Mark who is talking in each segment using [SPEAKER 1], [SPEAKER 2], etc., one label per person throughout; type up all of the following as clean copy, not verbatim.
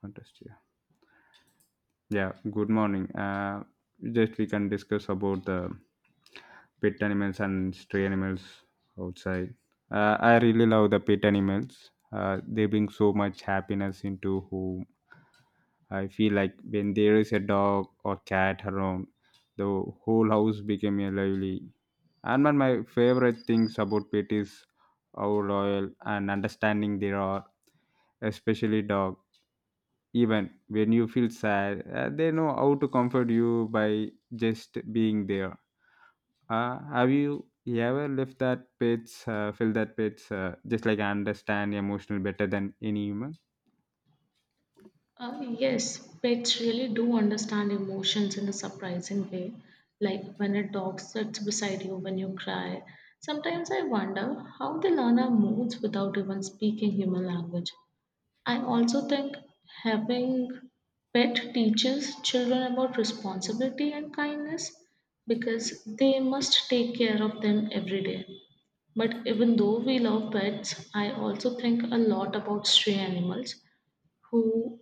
[SPEAKER 1] Fantastic. Yeah. Yeah, good morning. Just we can discuss about the pet animals and stray animals outside. I really love the pet animals. They bring so much happiness into home. I feel like when there is a dog or cat around, the whole house became a lively. And one of my favorite things about pet is how loyal and understanding they are, especially dog. Even when you feel sad, they know how to comfort you by just being there. Have you ever left that pets, feel that pets just like understand emotional better than any human?
[SPEAKER 2] Yes, pets really do understand emotions in a surprising way. Like when a dog sits beside you when you cry. Sometimes I wonder how they learn our moods without even speaking human language. I also think having pet teaches children about responsibility and kindness because they must take care of them every day. But even though we love pets, I also think a lot about stray animals who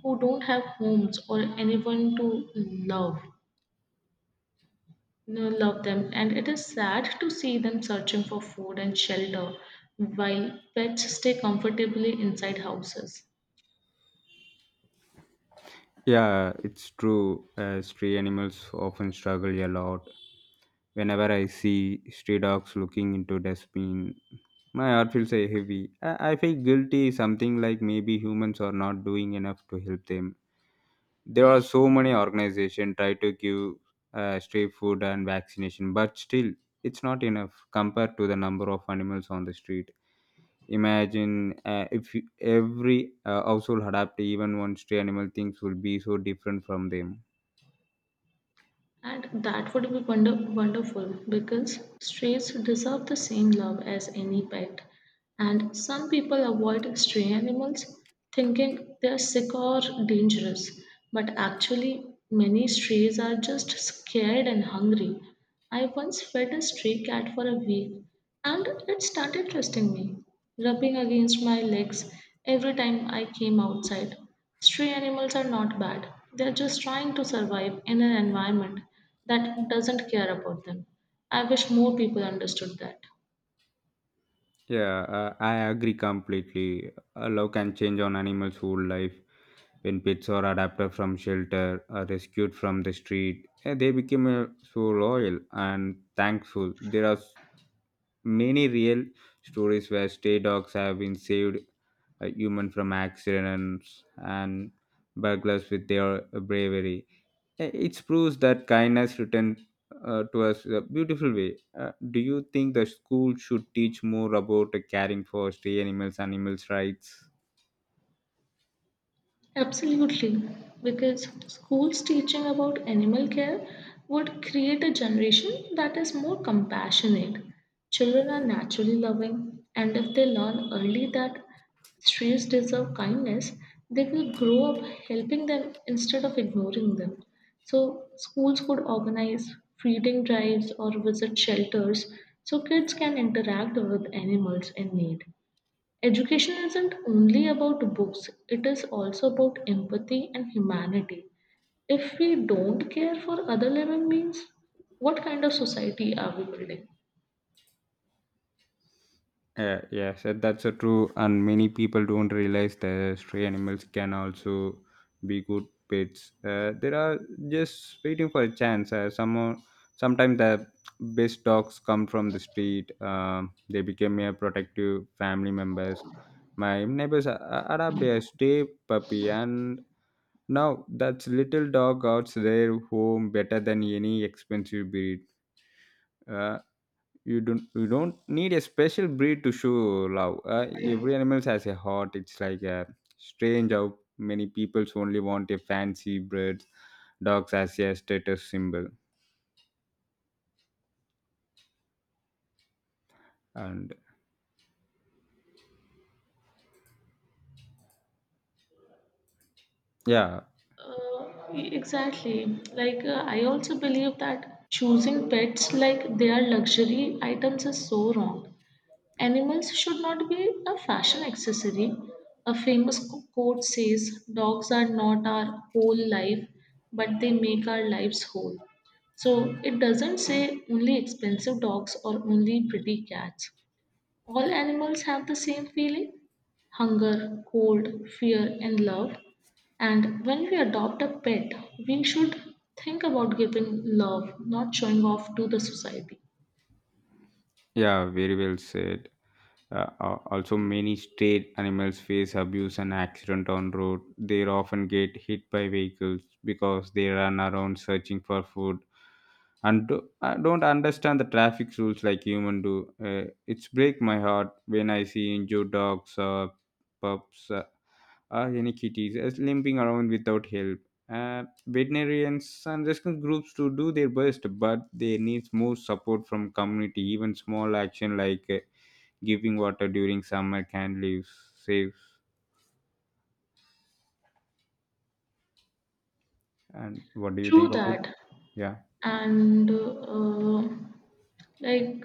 [SPEAKER 2] who don't have homes or anyone to love you love them, and it is sad to see them searching for food and shelter while pets stay comfortably inside houses.
[SPEAKER 1] Yeah, it's true. Stray animals often struggle a lot. Whenever I see stray dogs looking into dustbin, my heart feels heavy. I feel guilty, something like maybe humans are not doing enough to help them. There are so many organizations try to give street food and vaccination, but still it's not enough compared to the number of animals on the street. Imagine if every household adapt even one stray animal, things will be so different from them.
[SPEAKER 2] And that would be wonderful because strays deserve the same love as any pet. And some people avoid stray animals thinking they're sick or dangerous, but actually, many strays are just scared and hungry. I once fed a stray cat for a week and it started trusting me, rubbing against my legs every time I came outside. Stray animals are not bad, they're just trying to survive in an environment that doesn't care about them. I wish more people understood that.
[SPEAKER 1] Yeah, I agree completely. Love can change on animals whole life. When pets are adopted from shelter or rescued from the street, they become so loyal and thankful. There are many real stories where stray dogs have been saved a human from accidents and burglars with their bravery. It proves that kindness returned to us in a beautiful way. Do you think the school should teach more about caring for stray animals, animals' rights?
[SPEAKER 2] Absolutely, because schools teaching about animal care would create a generation that is more compassionate. Children are naturally loving, and if they learn early that streets deserve kindness, they will grow up helping them instead of ignoring them. So, schools could organize feeding drives or visit shelters so kids can interact with animals in need. Education isn't only about books, it is also about empathy and humanity. If we don't care for other living beings, what kind of society are we building?
[SPEAKER 1] Yes, that's a true, and many people don't realize that stray animals can also be good pets. They are just waiting for a chance. Some sometimes the best dogs come from the street. They become a protective family members. My neighbors adopt a stray puppy, and now that little dog guards their home better than any expensive breed. Uh, you don't need a special breed to show love. Every animal has a heart. It's like a strange how many people only want a fancy breed dogs as a status symbol, and yeah.
[SPEAKER 2] Exactly. I also believe that choosing pets like they are luxury items is so wrong. Animals should not be a fashion accessory. A famous quote says, Dogs are not our whole life, but they make our lives whole. So it doesn't say only expensive dogs or only pretty cats. All animals have the same feeling, hunger, cold, fear, and love. And when we adopt a pet, we should think about giving love, not showing off to the society.
[SPEAKER 1] Yeah, very well said. Also, many stray animals face abuse and accident on road. They often get hit by vehicles because they run around searching for food and do, I don't understand the traffic rules like human do. It's break my heart when I see injured dogs or pups or any kitties limping around without help. Veterinarians and rescue groups to do their best, but they need more support from community. Even small action like giving water during summer can live saves. And what do you think
[SPEAKER 2] True
[SPEAKER 1] about?
[SPEAKER 2] that.
[SPEAKER 1] Yeah.
[SPEAKER 2] And Like,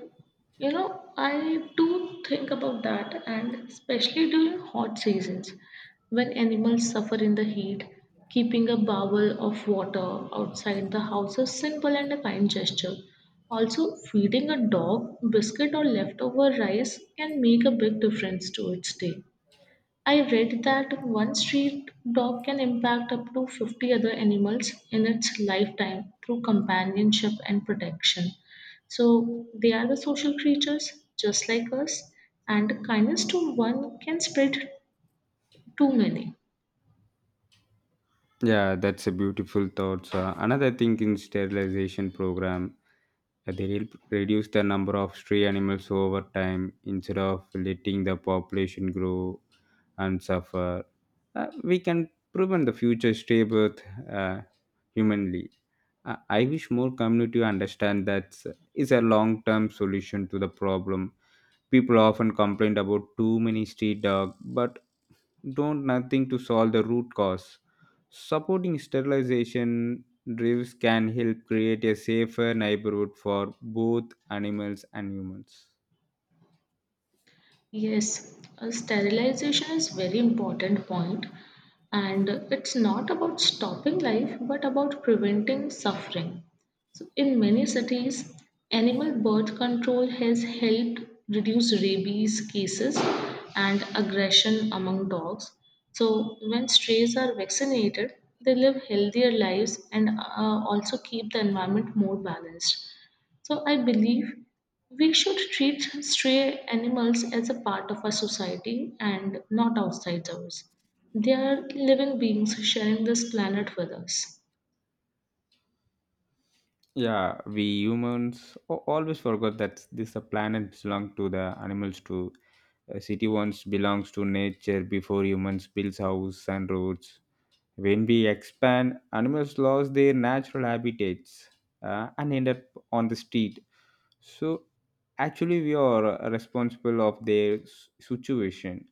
[SPEAKER 2] I do think about that, and especially during hot seasons when animals suffer in the heat, keeping a bowl of water outside the house is simple and a kind gesture. Also, feeding a dog biscuit or leftover rice can make a big difference to its day. I read that one street dog can impact up to 50 other animals in its lifetime through companionship and protection. So they are the social creatures just like us, and kindness to one can spread to many.
[SPEAKER 1] Yeah, that's a beautiful thought, sir. Another thing in sterilization program, they reduce the number of stray animals over time instead of letting the population grow and suffer. We can prevent the future stray birth, uh, humanly. I wish more community understand that is a long-term solution to the problem. People often complain about too many street dogs, but don't nothing to solve the root cause. Supporting sterilization drives can help create a safer neighborhood for both animals and humans.
[SPEAKER 2] Yes, Sterilization is very important point, and it's not about stopping life but about preventing suffering. So, in many cities, animal birth control has helped reduce rabies cases and aggression among dogs. So, when strays are vaccinated, they live healthier lives and also keep the environment more balanced. So I believe we should treat stray animals as a part of our society and not outsiders. They are living beings sharing this planet with us.
[SPEAKER 1] Yeah, we humans always forgot that this the planet belongs to the animals too. A city once belongs to nature before humans built houses and roads. When we expand, animals lose their natural habitats, and end up on the street. So actually, we are responsible of their situation.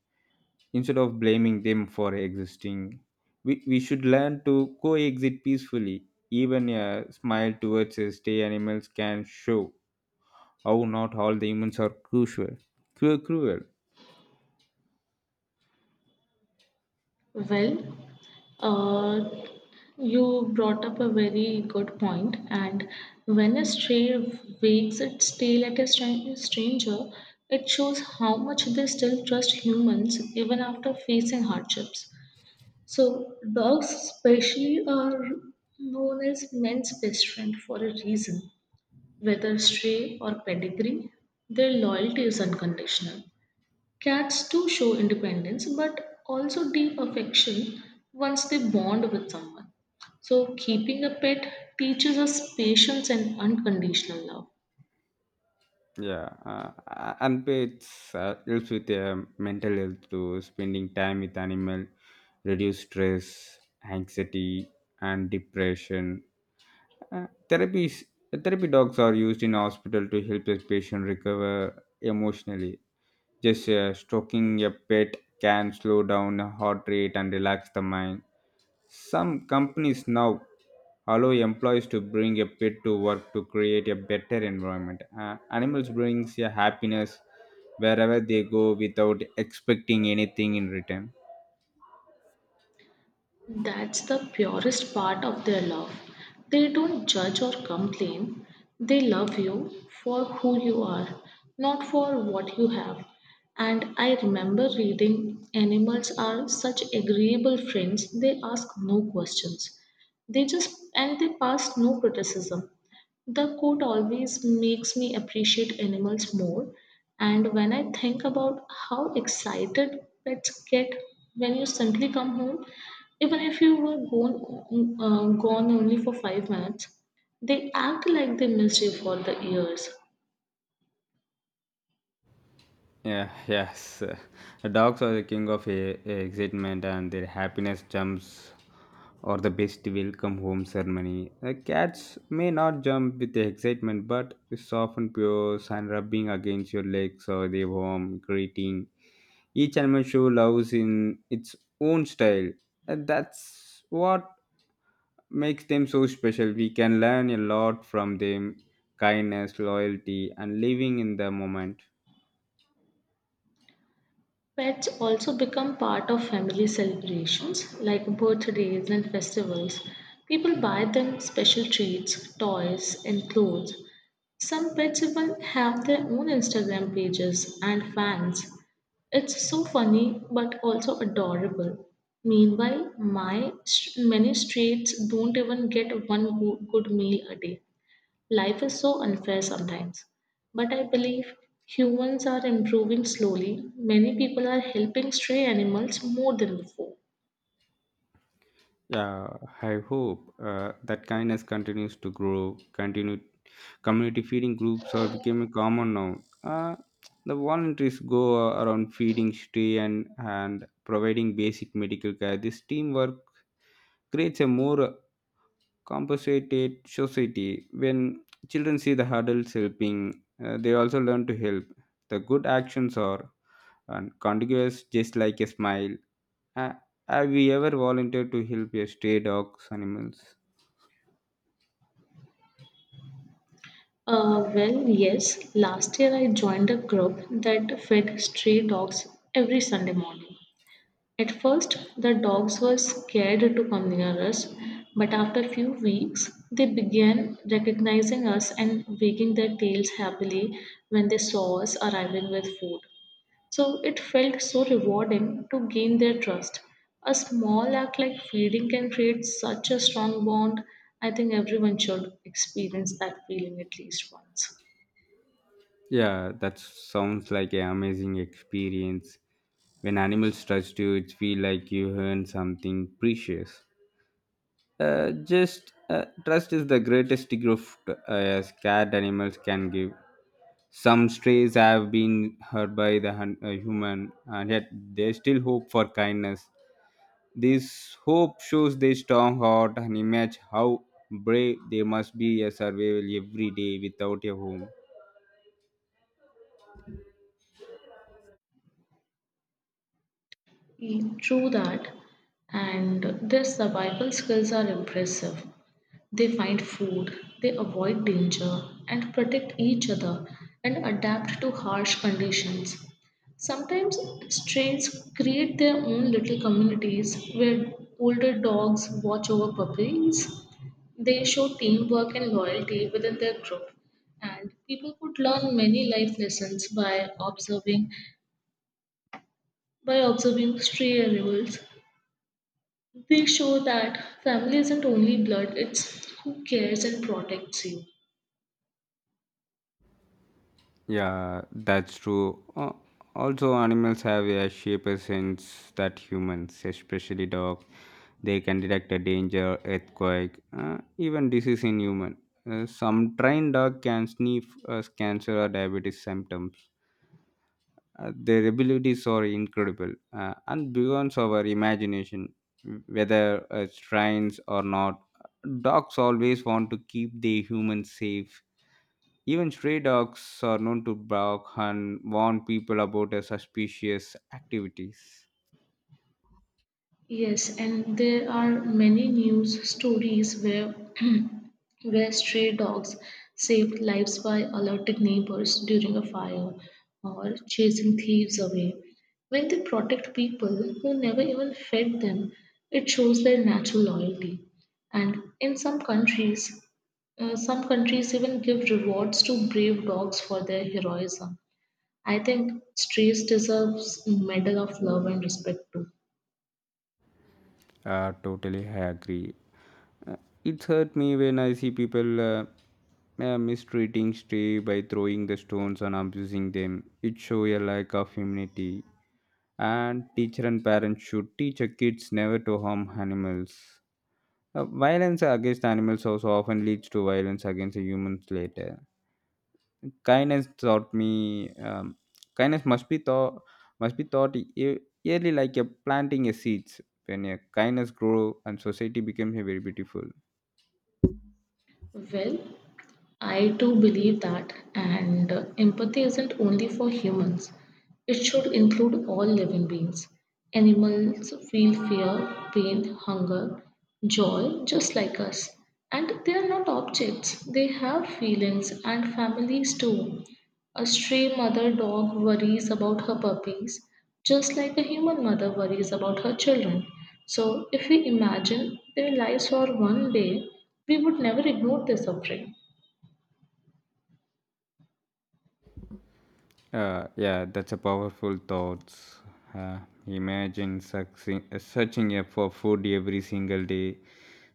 [SPEAKER 1] Instead of blaming them for existing, we should learn to coexist peacefully. Even a smile towards a stray animals can show how not all the humans are crucial, cruel.
[SPEAKER 2] Well, uh, you brought up a very good point, and when a stray wags its tail at a stranger, it shows how much they still trust humans even after facing hardships. So, dogs, especially, are known as men's best friend for a reason. Whether stray or pedigree, their loyalty is unconditional. Cats too show independence but also deep affection once they bond with someone. So, keeping a pet teaches us patience and unconditional love.
[SPEAKER 1] Yeah, and pets helps with mental health too. Spending time with animal reduce stress, anxiety, and depression. Uh, therapies, therapy dogs are used in hospital to help the patient recover emotionally. Just stroking a pet can slow down heart rate and relax the mind. Some companies now allow employees to bring a pet to work to create a better environment. Animals brings a happiness wherever they go without expecting anything in return.
[SPEAKER 2] That's the purest part of their love. They don't judge or complain. They love you for who you are, not for what you have. And I remember reading animals are such agreeable friends, they ask no questions. They just and they pass no criticism. The quote always makes me appreciate animals more. And when I think about how excited pets get when you simply come home, even if you were gone only for 5 minutes, they act like they missed you for the years.
[SPEAKER 1] Yeah, yes. Dogs are the king of excitement, and their happiness jumps or the best welcome home ceremony. Cats may not jump with the excitement but soft and pure and rubbing against your legs or their warm greeting. Each anime show loves in its own style, and that's what makes them so special. We can learn a lot from them: kindness, loyalty, and living in the moment.
[SPEAKER 2] Pets also become part of family celebrations like birthdays and festivals. People buy them special treats, toys, and clothes. Some pets even have their own Instagram pages and fans. It's so funny but also adorable. Meanwhile, many streets don't even get one good meal a day. Life is so unfair sometimes, but I believe humans are improving slowly. Many people are helping stray animals more than before.
[SPEAKER 1] Yeah, I hope that kindness continues to grow. Continue, community feeding groups are becoming common now. Uh, the volunteers go around feeding stray and providing basic medical care. This teamwork creates a more compensated society. When children see the adults helping, they also learn to help. The good actions are and contiguous just like a smile. Uh, have you ever volunteered to help your stray dogs animals?
[SPEAKER 2] Well, yes, last year I joined a group that fed stray dogs every Sunday morning. At first, the dogs were scared to come near us, but after a few weeks, they began recognizing us and wagging their tails happily when they saw us arriving with food. So it felt so rewarding to gain their trust. A small act like feeding can create such a strong bond. I think everyone should experience that feeling at least once.
[SPEAKER 1] Yeah, that sounds like an amazing experience. When animals trust you, it feel like you earn something precious. Uh, just trust is the greatest gift, as cat animals can give. Some strays have been hurt by the human, and yet there's still hope for kindness. This hope shows their strong heart and image how brave they must be a survival every day without a home.
[SPEAKER 2] True that. And their survival skills are impressive. They find food, they avoid danger, and protect each other and adapt to harsh conditions. Sometimes strains create their own little communities where older dogs watch over puppies. They show teamwork and loyalty within their group, and people could learn many life lessons by observing stray animals. They show that family isn't only blood; it's who cares and protects you.
[SPEAKER 1] Yeah, that's true. Also, animals have a sharper sense that humans, especially dogs, they can detect a danger, earthquake, even disease in human. Some trained dog can sniff cancer or diabetes symptoms. Their abilities are incredible, and beyond our imagination, whether it's trains or not. Dogs always want to keep the humans safe. Even stray dogs are known to bark and warn people about their suspicious activities.
[SPEAKER 2] Yes, and there are many news stories where where stray dogs saved lives by alerting neighbors during a fire or chasing thieves away. When they protect people who never even fed them, it shows their natural loyalty. And in some countries even give rewards to brave dogs for their heroism. I think strays deserves medal of love and respect too.
[SPEAKER 1] Totally, I agree. It hurt me when I see people mistreating stray by throwing the stones and abusing them. It shows a lack of humanity. And teacher and parents should teach a kids never to harm animals. Violence against animals also often leads to violence against the humans later. Kindness taught me, um, kindness must be thought, must be taught yearly like a planting a seeds. When a kindness grow, and society becomes a very beautiful.
[SPEAKER 2] Well, I too believe that, and empathy isn't only for humans, it should include all living beings. Animals feel fear, pain, hunger, joy just like us. And they are not objects, they have feelings and families too. A stray mother dog worries about her puppies just like a human mother worries about her children. So, if we imagine their lives for one day, we would never ignore their suffering.
[SPEAKER 1] Yeah, that's a powerful thoughts. Uh, imagine searching up for food every single day,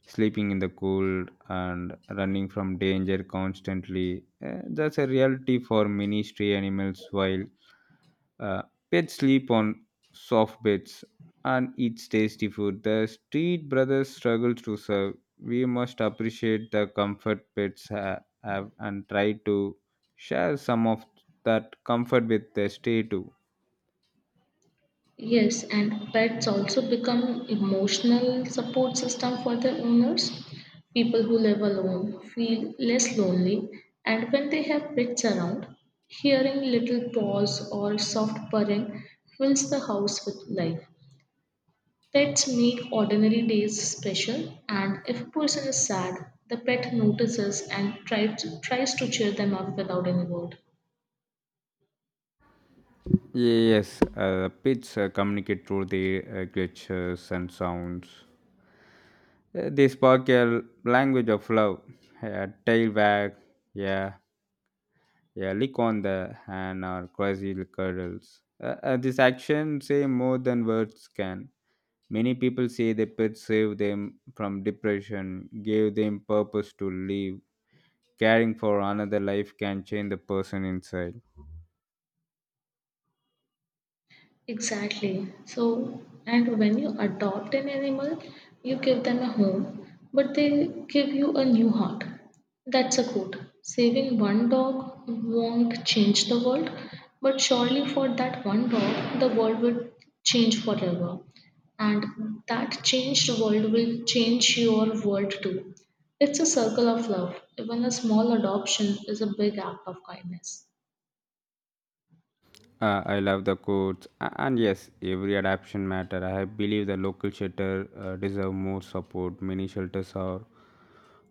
[SPEAKER 1] sleeping in the cold, and running from danger constantly. That's a reality for many stray animals. While uh, pets sleep on soft beds and eat tasty food, the street brothers struggle to serve. We must appreciate the comfort pets have and try to share some of that comfort with the stay too.
[SPEAKER 2] Yes, and pets also become emotional support system for their owners. People who live alone feel less lonely, and when they have pets around, hearing little paws or soft purring fills the house with life. Pets make ordinary days special, and if a person is sad, the pet notices and tries to cheer them up without any word.
[SPEAKER 1] Yes, pets communicate through their gestures and sounds. They spark a language of love, a tail wag, yeah. Yeah, lick on the hand or quasi cuddles. This action say more than words can. Many people say the pets saved them from depression, gave them purpose to live. Caring for another life can change the person inside.
[SPEAKER 2] Exactly. So, and when you adopt an animal, you give them a home, but they give you a new heart. That's a quote. Saving one dog won't change the world, but surely for that one dog, the world will change forever. And that changed world will change your world too. It's a circle of love. Even a small adoption is a big act of kindness.
[SPEAKER 1] I love the quotes, and yes, every adaptation matter. I believe the local shelter deserve more support. Many shelters are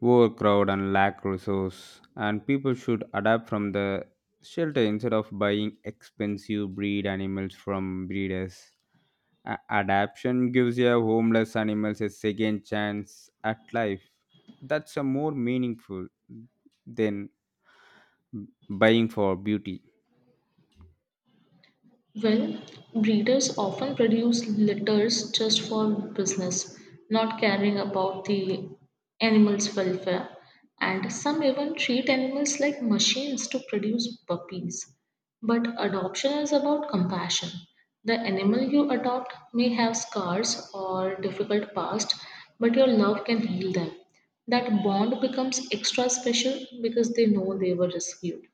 [SPEAKER 1] overcrowded and lack resource, and people should adapt from the shelter instead of buying expensive breed animals from breeders. Adaptation gives your homeless animals a second chance at life. That's a more meaningful than buying for beauty.
[SPEAKER 2] Well, breeders often produce litters just for business, not caring about the animals' welfare, and some even treat animals like machines to produce puppies. But adoption is about compassion. The animal you adopt may have scars or difficult past, but your love can heal them. That bond becomes extra special because they know they were rescued.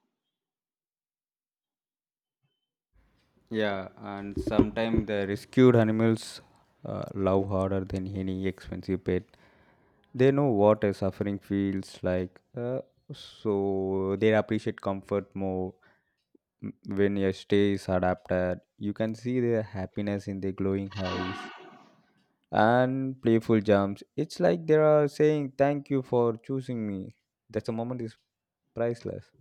[SPEAKER 1] Yeah, and sometimes the rescued animals love harder than any expensive pet. They know what a suffering feels like, so they appreciate comfort more. When your stay is adapted, you can see their happiness in their glowing eyes and playful jumps. It's like they are saying, "Thank you for choosing me." That's a moment is priceless.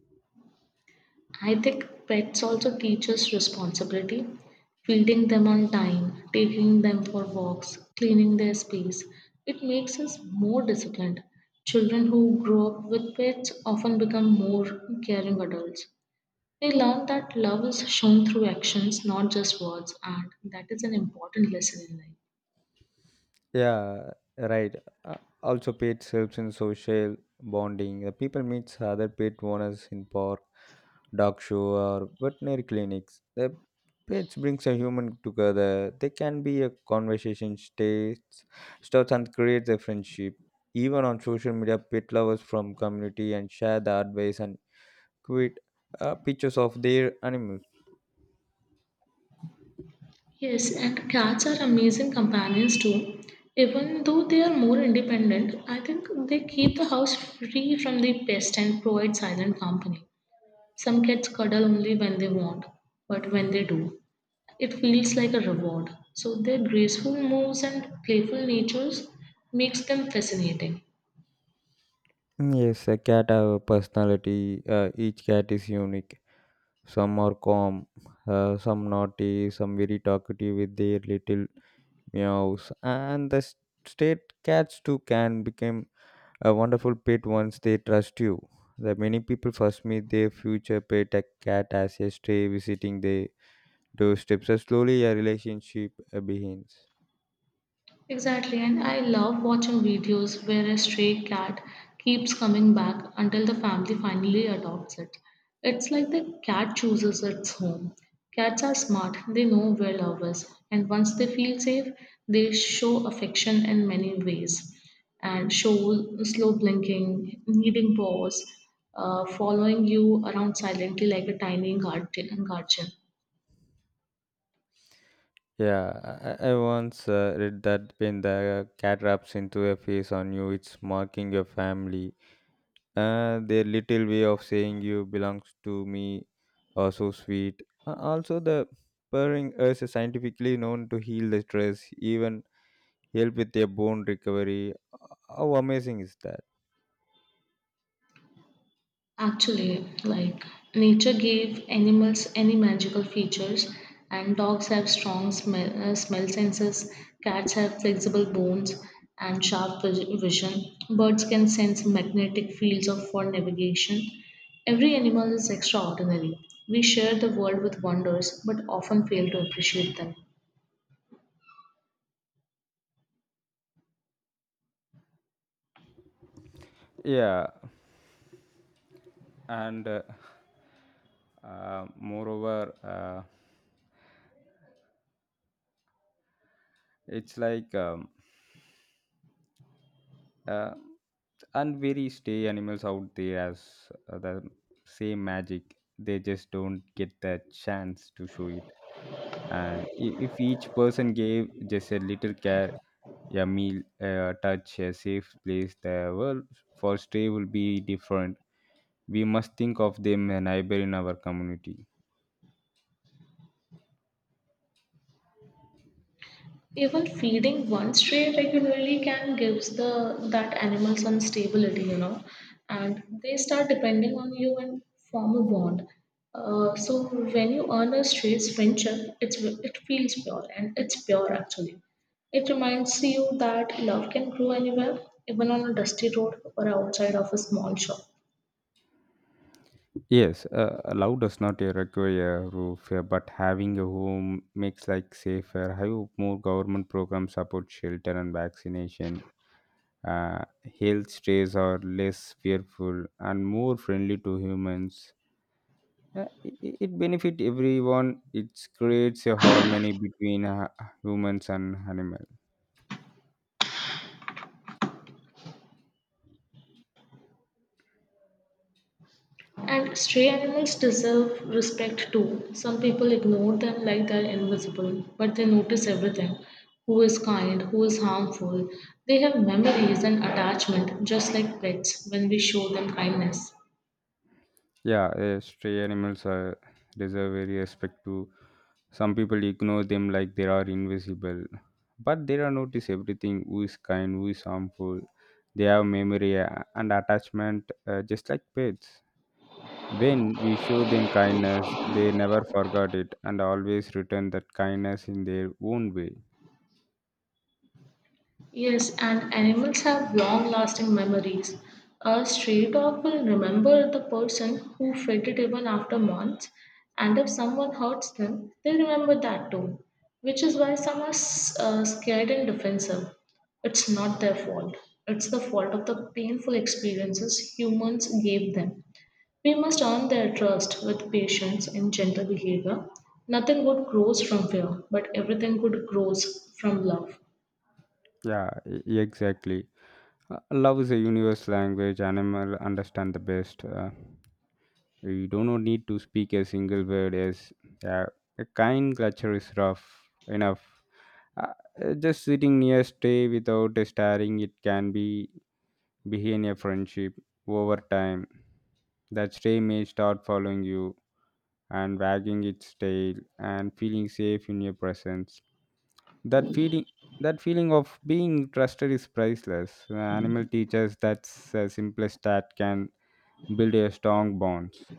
[SPEAKER 2] I think pets also teach us responsibility. Feeding them on time, taking them for walks, cleaning their space. It makes us more disciplined. Children who grow up with pets often become more caring adults. They learn that love is shown through actions, not just words, and that is an important lesson in life.
[SPEAKER 1] Yeah, right. Uh, also, pets helps in social bonding. The people meets other pet owners in park, dog show, or veterinary clinics. The pets brings a human together. They can be a conversation states, starts and creates a friendship. Even on social media, pet lovers from community and share the advice and quit pictures of their animals.
[SPEAKER 2] Yes, and cats are amazing companions too. Even though they are more independent, I think they keep the house free from the pest and provide silent company. Some cats cuddle only when they want, but when they do, it feels like a reward. So their graceful moves and playful natures makes them fascinating.
[SPEAKER 1] Mm, yes, a cat have a personality. Each cat is unique. Some are calm, some naughty, some very talkative with their little meows. And the state cats too can become a wonderful pet once they trust you. The many people first meet their future pet a cat as a stray visiting their doorstep. So slowly a relationship begins.
[SPEAKER 2] Exactly, and I love watching videos where a stray cat keeps coming back until the family finally adopts it. It's like the cat chooses its home. Cats are smart, they know where love is, and once they feel safe, they show affection in many ways and show slow blinking, needing paws, following you around silently like a tiny guardian.
[SPEAKER 1] Yeah, I once read that when the cat raps into a face on you, it's marking your family. Their little way of saying you belongs to me are so sweet. Also, the purring is scientifically known to heal the stress, even help with their bone recovery. How amazing is that?
[SPEAKER 2] Actually, like nature gave animals any magical features, and dogs have strong smell senses, cats have flexible bones and sharp vision, birds can sense magnetic fields of for navigation. Every animal is extraordinary. We share the world with wonders, but often fail to appreciate them.
[SPEAKER 1] Yeah, and moreover, it's like. Uh, and very stay animals out there as the same magic they just don't get that chance to show it. And if each person gave just a little care, a meal, a touch, a safe place, the world for stray will be different. We must think of them a neighbor in our community.
[SPEAKER 2] Even feeding one stray regularly can gives the that animal some stability, you know, and they start depending on you and form a bond. So when you earn a stray's friendship, it feels pure, and it's pure actually. It reminds you that love can grow anywhere, even on a dusty road or outside of a small shop.
[SPEAKER 1] Yes, a love does not require a roof, but having a home makes like safer. I hope more government programs support shelter and vaccination. uh, Health strays are less fearful and more friendly to humans. It benefit everyone. It creates a harmony between humans and animals.
[SPEAKER 2] And stray animals deserve respect too. Some people ignore them like they're invisible, but they notice everything, who is kind, who is harmful. They have memories and attachment just like pets when we show them kindness.
[SPEAKER 1] Yeah, stray animals are deserve very respect to. Some people ignore them like they are invisible, but they are notice everything, who is kind, who is harmful. They have memory and attachment, just like pets. When we show them kindness, they never forgot it and always return that kindness in their own way.
[SPEAKER 2] Yes, and animals have long lasting memories. A stray dog will remember the person who fed it even after months, and if someone hurts them, they remember that too, which is why some are scared and defensive. It's not their fault, it's the fault of the painful experiences humans gave them. We must earn their trust with patience and gentle behavior. Nothing good grows from fear, but everything good grows from love.
[SPEAKER 1] Yeah, exactly. Love is a universal language animal understand the best. You do not need to speak a single word as, yeah, a kind culture is rough enough. Uh, just sitting near stay without staring it can be begin a friendship over time. That stay may start following you and wagging its tail and feeling safe in your presence. That feeling that feeling of being trusted is priceless. The animal teaches that's the simplest that can build a strong bonds.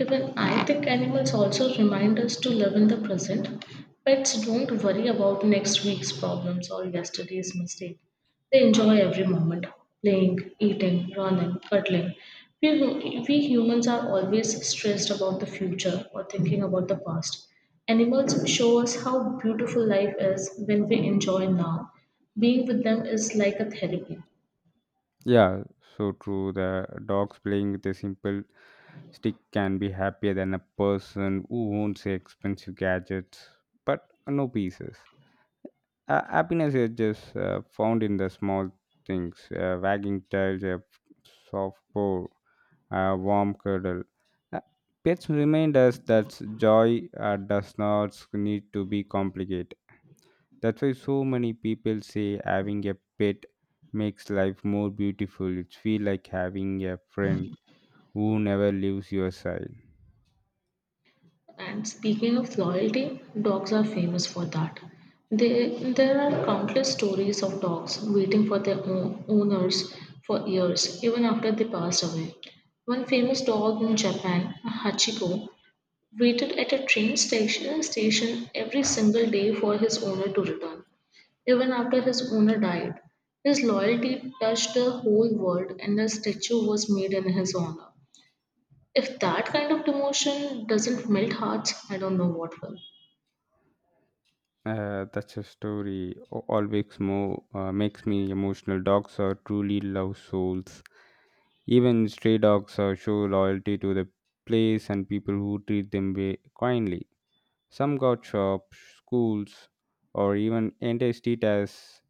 [SPEAKER 2] Even I think animals also remind us to live in the present. Pets don't worry about next week's problems or yesterday's mistake. They enjoy every moment playing, eating, running, cuddling. We humans are always stressed about the future or thinking about the past. Animals show us how beautiful life is when we enjoy now. Being with them is like a therapy.
[SPEAKER 1] Yeah, so true. The dogs playing with a simple stick can be happier than a person who owns expensive gadgets but no pieces. Happiness is just found in the small things, wagging tails, a soft paw, a warm cuddle. Uh, Pets remind us that joy does not need to be complicated. That's why so many people say having a pet makes life more beautiful. It feels like having a friend who never leaves your side.
[SPEAKER 2] And speaking of loyalty, dogs are famous for that. There are countless stories of dogs waiting for their own owners for years, even after they passed away. One famous dog in Japan, Hachiko, waited at a station every single day for his owner to return, even after his owner died. His loyalty touched the whole world, and a statue was made in his honor. If that kind of demotion doesn't melt hearts, I don't know what will.
[SPEAKER 1] That's a story always makes me emotional. Dogs are truly love souls. Even stray dogs show loyalty to the place and people who treat them kindly. Some got shops, schools, or even entities as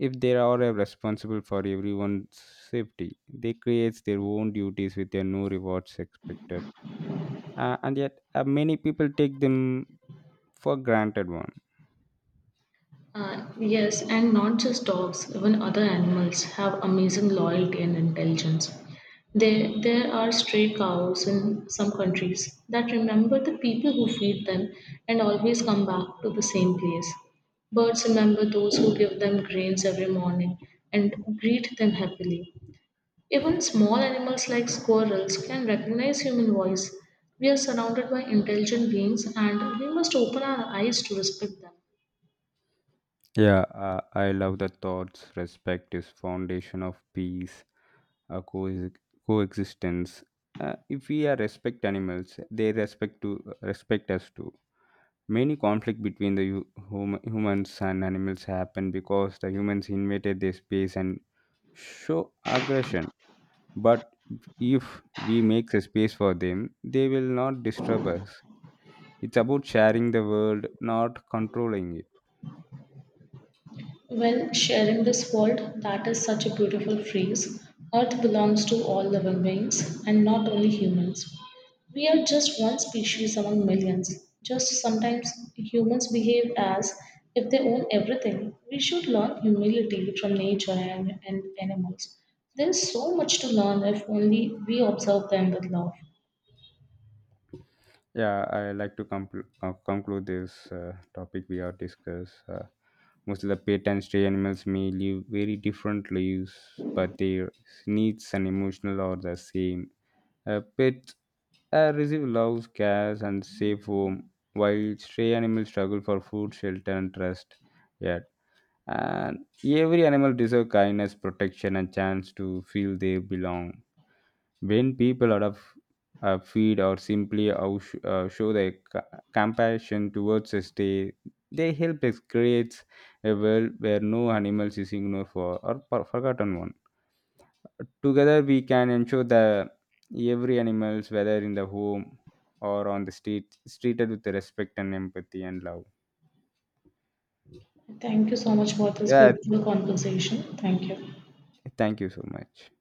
[SPEAKER 1] if they are responsible for everyone's safety. They create their own duties with their no rewards expected. And yet, many people take them for granted one.
[SPEAKER 2] Yes, and not just dogs, even other animals have amazing loyalty and intelligence. There are stray cows in some countries that remember the people who feed them and always come back to the same place. Birds remember those who give them grains every morning and greet them happily. Even small animals like squirrels can recognize human voice. We are surrounded by intelligent beings and we must open our eyes to respect them.
[SPEAKER 1] Yeah, I love the thoughts. Respect is foundation of peace, uh, co- coexistence. If we are respect animals, they respect to respect us too. Many conflict between the humans and animals happen because the humans invaded their space and show aggression. But if we make a space for them, they will not disturb us. It's about sharing the world, not controlling it.
[SPEAKER 2] Well, sharing this world, that is such a beautiful phrase. Earth belongs to all living beings and not only humans. We are just one species among millions. Just sometimes humans behave as if they own everything. We should learn humility from nature and animals. There is so much to learn if only we observe them with love.
[SPEAKER 1] Yeah, I like to conclude this topic we are discussed. Most of the pet and stray animals may live very different lives, but their needs and emotional are the same. A pet A receive loves cares and safe home, while stray animals struggle for food, shelter, and trust. Yet, and every animal deserves kindness, protection, and chance to feel they belong. When people adopt, feed, or simply show their compassion towards a stray, they help us create a world where no animals is ignored for or forgotten one. Together we can ensure that every animals, whether in the home or on the street, is treated with respect and empathy and love.
[SPEAKER 2] Thank you so much for this
[SPEAKER 1] Yeah,
[SPEAKER 2] beautiful conversation. Thank you.
[SPEAKER 1] thank you so much.